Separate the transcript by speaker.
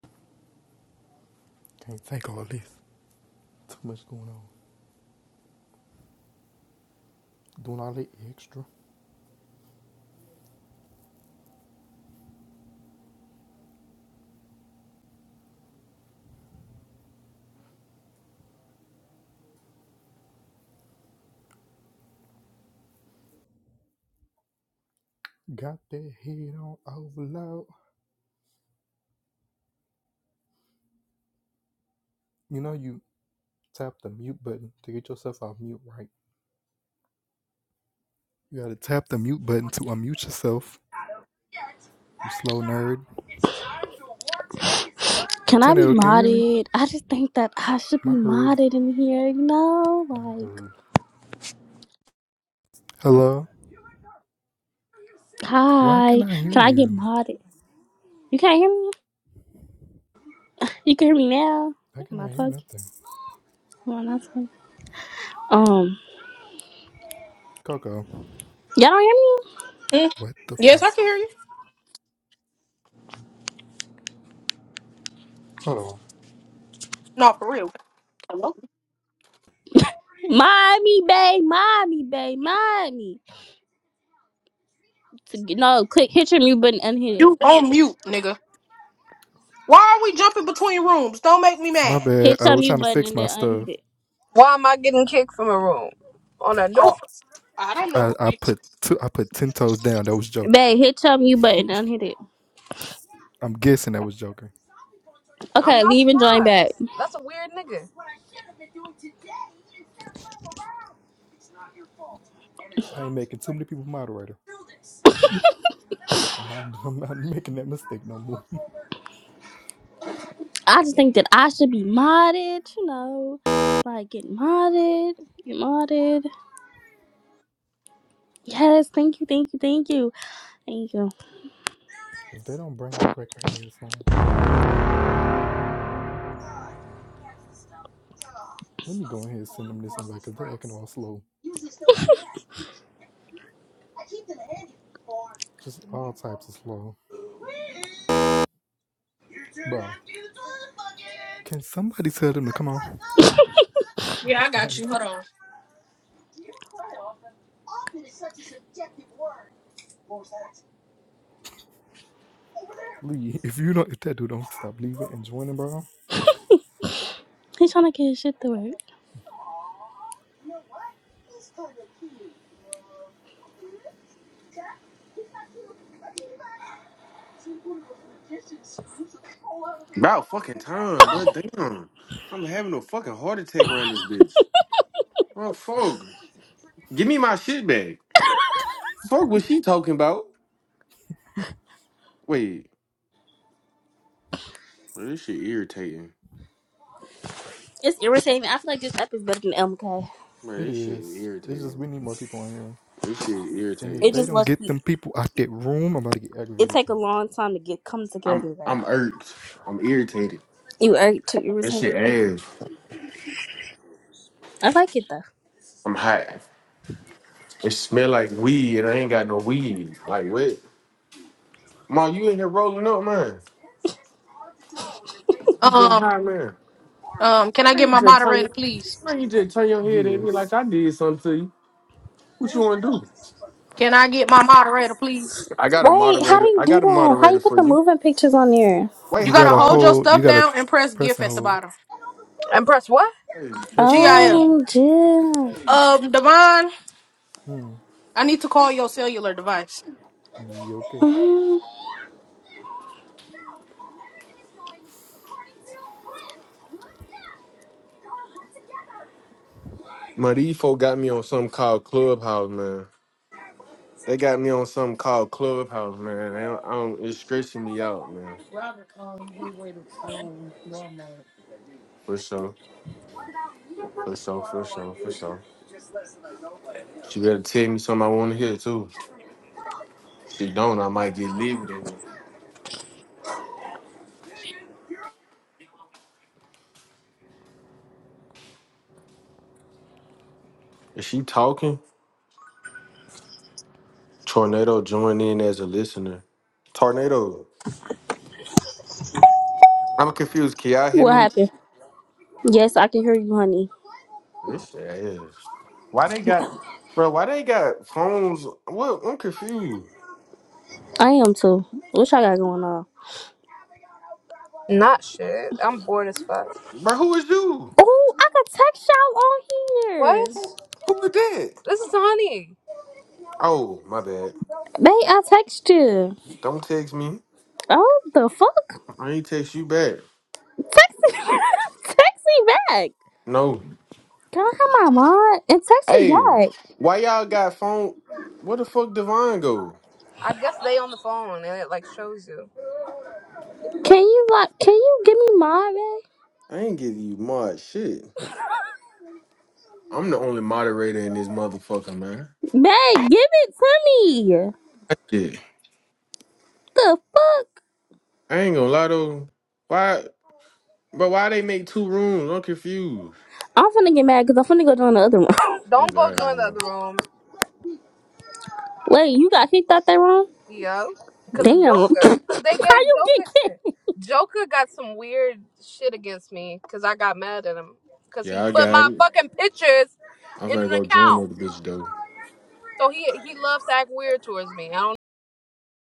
Speaker 1: Can't take all this. Too much going on. Doing all the extra. Got that head on overload. You know you tap the mute button to get yourself off mute, right? You gotta tap the mute button to unmute yourself. You slow nerd.
Speaker 2: Can I be
Speaker 1: Tornado, can you hear me?
Speaker 2: modded? I just think that I should be
Speaker 1: Am I heard?
Speaker 2: modded in here, you know?
Speaker 1: I'm not
Speaker 2: Like,
Speaker 1: heard. Hello? Why can
Speaker 2: hi.
Speaker 1: I hear
Speaker 2: Can I get
Speaker 1: you?
Speaker 2: modded? You can't hear me? You can hear me now?
Speaker 1: Why
Speaker 2: Am
Speaker 1: can
Speaker 2: I
Speaker 1: I hear
Speaker 2: talking?
Speaker 1: nothing?
Speaker 2: Am I not talking? Um,
Speaker 1: Coco.
Speaker 2: y'all don't hear
Speaker 3: Mm,
Speaker 1: What the
Speaker 3: yes,
Speaker 1: fuck?
Speaker 3: I can hear you.
Speaker 1: Hold on.
Speaker 3: No, for real. Hello?
Speaker 2: me? Mod me, babe. Mod me, babe. Mod me. No, click, hit your mute button, unhit it.
Speaker 3: You on mute, nigga. Why are we jumping between rooms? Don't make me
Speaker 1: My
Speaker 3: mad.
Speaker 1: bad.
Speaker 2: Hit
Speaker 1: I
Speaker 2: your
Speaker 1: was
Speaker 2: mute
Speaker 1: trying to
Speaker 2: button
Speaker 1: fix
Speaker 2: and
Speaker 1: my
Speaker 2: then unhit
Speaker 1: stuff.
Speaker 2: it.
Speaker 4: Why am I getting kicked from a room? On a new
Speaker 3: Oh, I don't know.
Speaker 1: I, I put two I put ten toes down. That was joke.
Speaker 2: Babe, hit your mute button and unhit it.
Speaker 1: I'm guessing that was joking.
Speaker 4: I'm
Speaker 2: Okay,
Speaker 4: not
Speaker 2: leave and join back.
Speaker 4: surprised. That's a weird nigga.
Speaker 1: I ain't making too many people moderator. I'm not, I'm not making that mistake no more.
Speaker 2: I just think that I should be modded, you know? Like, get modded, get modded. Yes, thank you, thank you, thank you, thank you.
Speaker 1: if they don't bring their cracker to their song, let me go ahead and send them this invite because they acting all slow. Just all types of slow. Bro, can somebody tell them to come on?
Speaker 3: Yeah,
Speaker 1: Like,
Speaker 3: I got you.
Speaker 1: honest,
Speaker 3: Hold on.
Speaker 1: leave. If you don't, if that dude don't stop leaving and joining, bro,
Speaker 2: He's trying to get his shit to work.
Speaker 5: About fucking time, bro. Damn. I'm having a fucking heart attack around this bitch. Oh fuck. Give me my shit back. Fuck what she talking about. Wait. Bro, this shit irritating.
Speaker 2: It's irritating. I feel like this app is better than MK.
Speaker 5: Bro,
Speaker 1: it
Speaker 5: this shit
Speaker 1: is. It's just
Speaker 5: irritating.
Speaker 1: we need more people on here.
Speaker 5: This shit is
Speaker 1: And if
Speaker 2: It
Speaker 5: irritating.
Speaker 1: they
Speaker 2: just
Speaker 1: don't get
Speaker 2: lucky.
Speaker 1: them people out that room, I'm about to get
Speaker 2: It
Speaker 1: aggravated.
Speaker 2: take a long time to get come
Speaker 5: I'm
Speaker 2: together though.
Speaker 5: I'm irked. I'm irritated.
Speaker 2: You are too
Speaker 5: This
Speaker 2: irritating.
Speaker 5: shit ass.
Speaker 2: I like it though.
Speaker 5: I'm hot. It smell like weed and I ain't got no weed. Like what? Ma, you in here rolling up, man. You getting
Speaker 3: Um,
Speaker 5: high, man.
Speaker 3: um, can I
Speaker 5: Man,
Speaker 3: get
Speaker 5: you
Speaker 3: my
Speaker 5: just turn
Speaker 3: moderator,
Speaker 5: your,
Speaker 3: please?
Speaker 5: man, you just turn your head at me like
Speaker 1: Yes.
Speaker 5: I did something to you. What you want to do?
Speaker 3: Can I get my moderator, please?
Speaker 5: I got a
Speaker 2: Wait, how do
Speaker 5: moderator.
Speaker 2: you
Speaker 5: I
Speaker 2: do
Speaker 5: got a
Speaker 2: that? How you
Speaker 5: moderator
Speaker 2: put
Speaker 5: for
Speaker 2: the
Speaker 5: you.
Speaker 2: moving pictures on there?
Speaker 5: Wait,
Speaker 3: You
Speaker 1: You
Speaker 5: how?
Speaker 3: gotta
Speaker 1: gotta
Speaker 3: hold
Speaker 5: All,
Speaker 3: your
Speaker 1: hold, you
Speaker 3: stuff
Speaker 1: gotta
Speaker 3: down and press
Speaker 1: press
Speaker 3: GIF
Speaker 1: and
Speaker 3: at the
Speaker 1: hold.
Speaker 3: bottom.
Speaker 4: And press what?
Speaker 5: hey,
Speaker 1: Press and
Speaker 3: GIF.
Speaker 1: hold.
Speaker 2: Oh, Jim.
Speaker 5: hey.
Speaker 3: Um, Devon,
Speaker 1: Hmm.
Speaker 3: I need to call your cellular device.
Speaker 1: Yeah, okay.
Speaker 2: Mhm.
Speaker 5: man, these folk got me on something called Clubhouse, man. They got me on something called Clubhouse, man. They don't, I don't, it's stressing me out, man. For sure, for sure, for sure, for sure. She better tell me something I want to hear too. If she don't, I might get livid in her. Is she talking? Tornado join in as a listener. Tornado. I'm confused. Can y'all hear
Speaker 2: What
Speaker 5: me?
Speaker 2: happened? Yes, I can hear you, honey.
Speaker 5: This shit is. Why they got, bro? Why they got phones? What? I'm confused,
Speaker 2: I am too. What y'all got going on?
Speaker 4: Not shit. I'm bored as fuck.
Speaker 5: bro. Who is you?
Speaker 2: Oh, I can text y'all on here.
Speaker 4: What?
Speaker 5: Who
Speaker 4: This
Speaker 5: who is that?
Speaker 4: is honey.
Speaker 5: Oh, my bad.
Speaker 2: Babe, I text you.
Speaker 5: Don't text me.
Speaker 2: Oh, the fuck?
Speaker 5: I ain't text you back.
Speaker 2: Text me, text me back.
Speaker 5: No.
Speaker 2: Can I have my mod and text me
Speaker 5: Hey,
Speaker 2: back?
Speaker 5: why y'all got phone? Where the fuck Devon go?
Speaker 4: I guess they on the phone and it like shows you.
Speaker 2: Can you like? Can you give me my bag?
Speaker 5: I ain't give you mod shit. I'm the only moderator in this motherfucker, man.
Speaker 2: Bag, give it to me.
Speaker 5: Yeah.
Speaker 2: The fuck?
Speaker 5: I ain't gonna lie though. Why? But why they make two rooms? I'm confused.
Speaker 2: I'm finna get mad because I'm finna go down the other one.
Speaker 5: Oh
Speaker 4: Don't go
Speaker 5: God, I
Speaker 4: join the
Speaker 5: know.
Speaker 4: other room,
Speaker 2: Wait, you got kicked out that room?
Speaker 4: yo. Cause of
Speaker 2: Damn. How
Speaker 4: Joker. Cause they gave
Speaker 2: you get
Speaker 4: Joker
Speaker 2: kicked?
Speaker 4: shit. Joker got some weird shit against me because I got mad at him. Cause he
Speaker 5: Yeah, I
Speaker 4: put
Speaker 5: got
Speaker 4: my
Speaker 5: it.
Speaker 4: fucking pictures
Speaker 5: I'm
Speaker 4: in an
Speaker 5: finna go join
Speaker 4: account.
Speaker 5: the bitch though.
Speaker 4: So he he loves to act weird towards me. I don't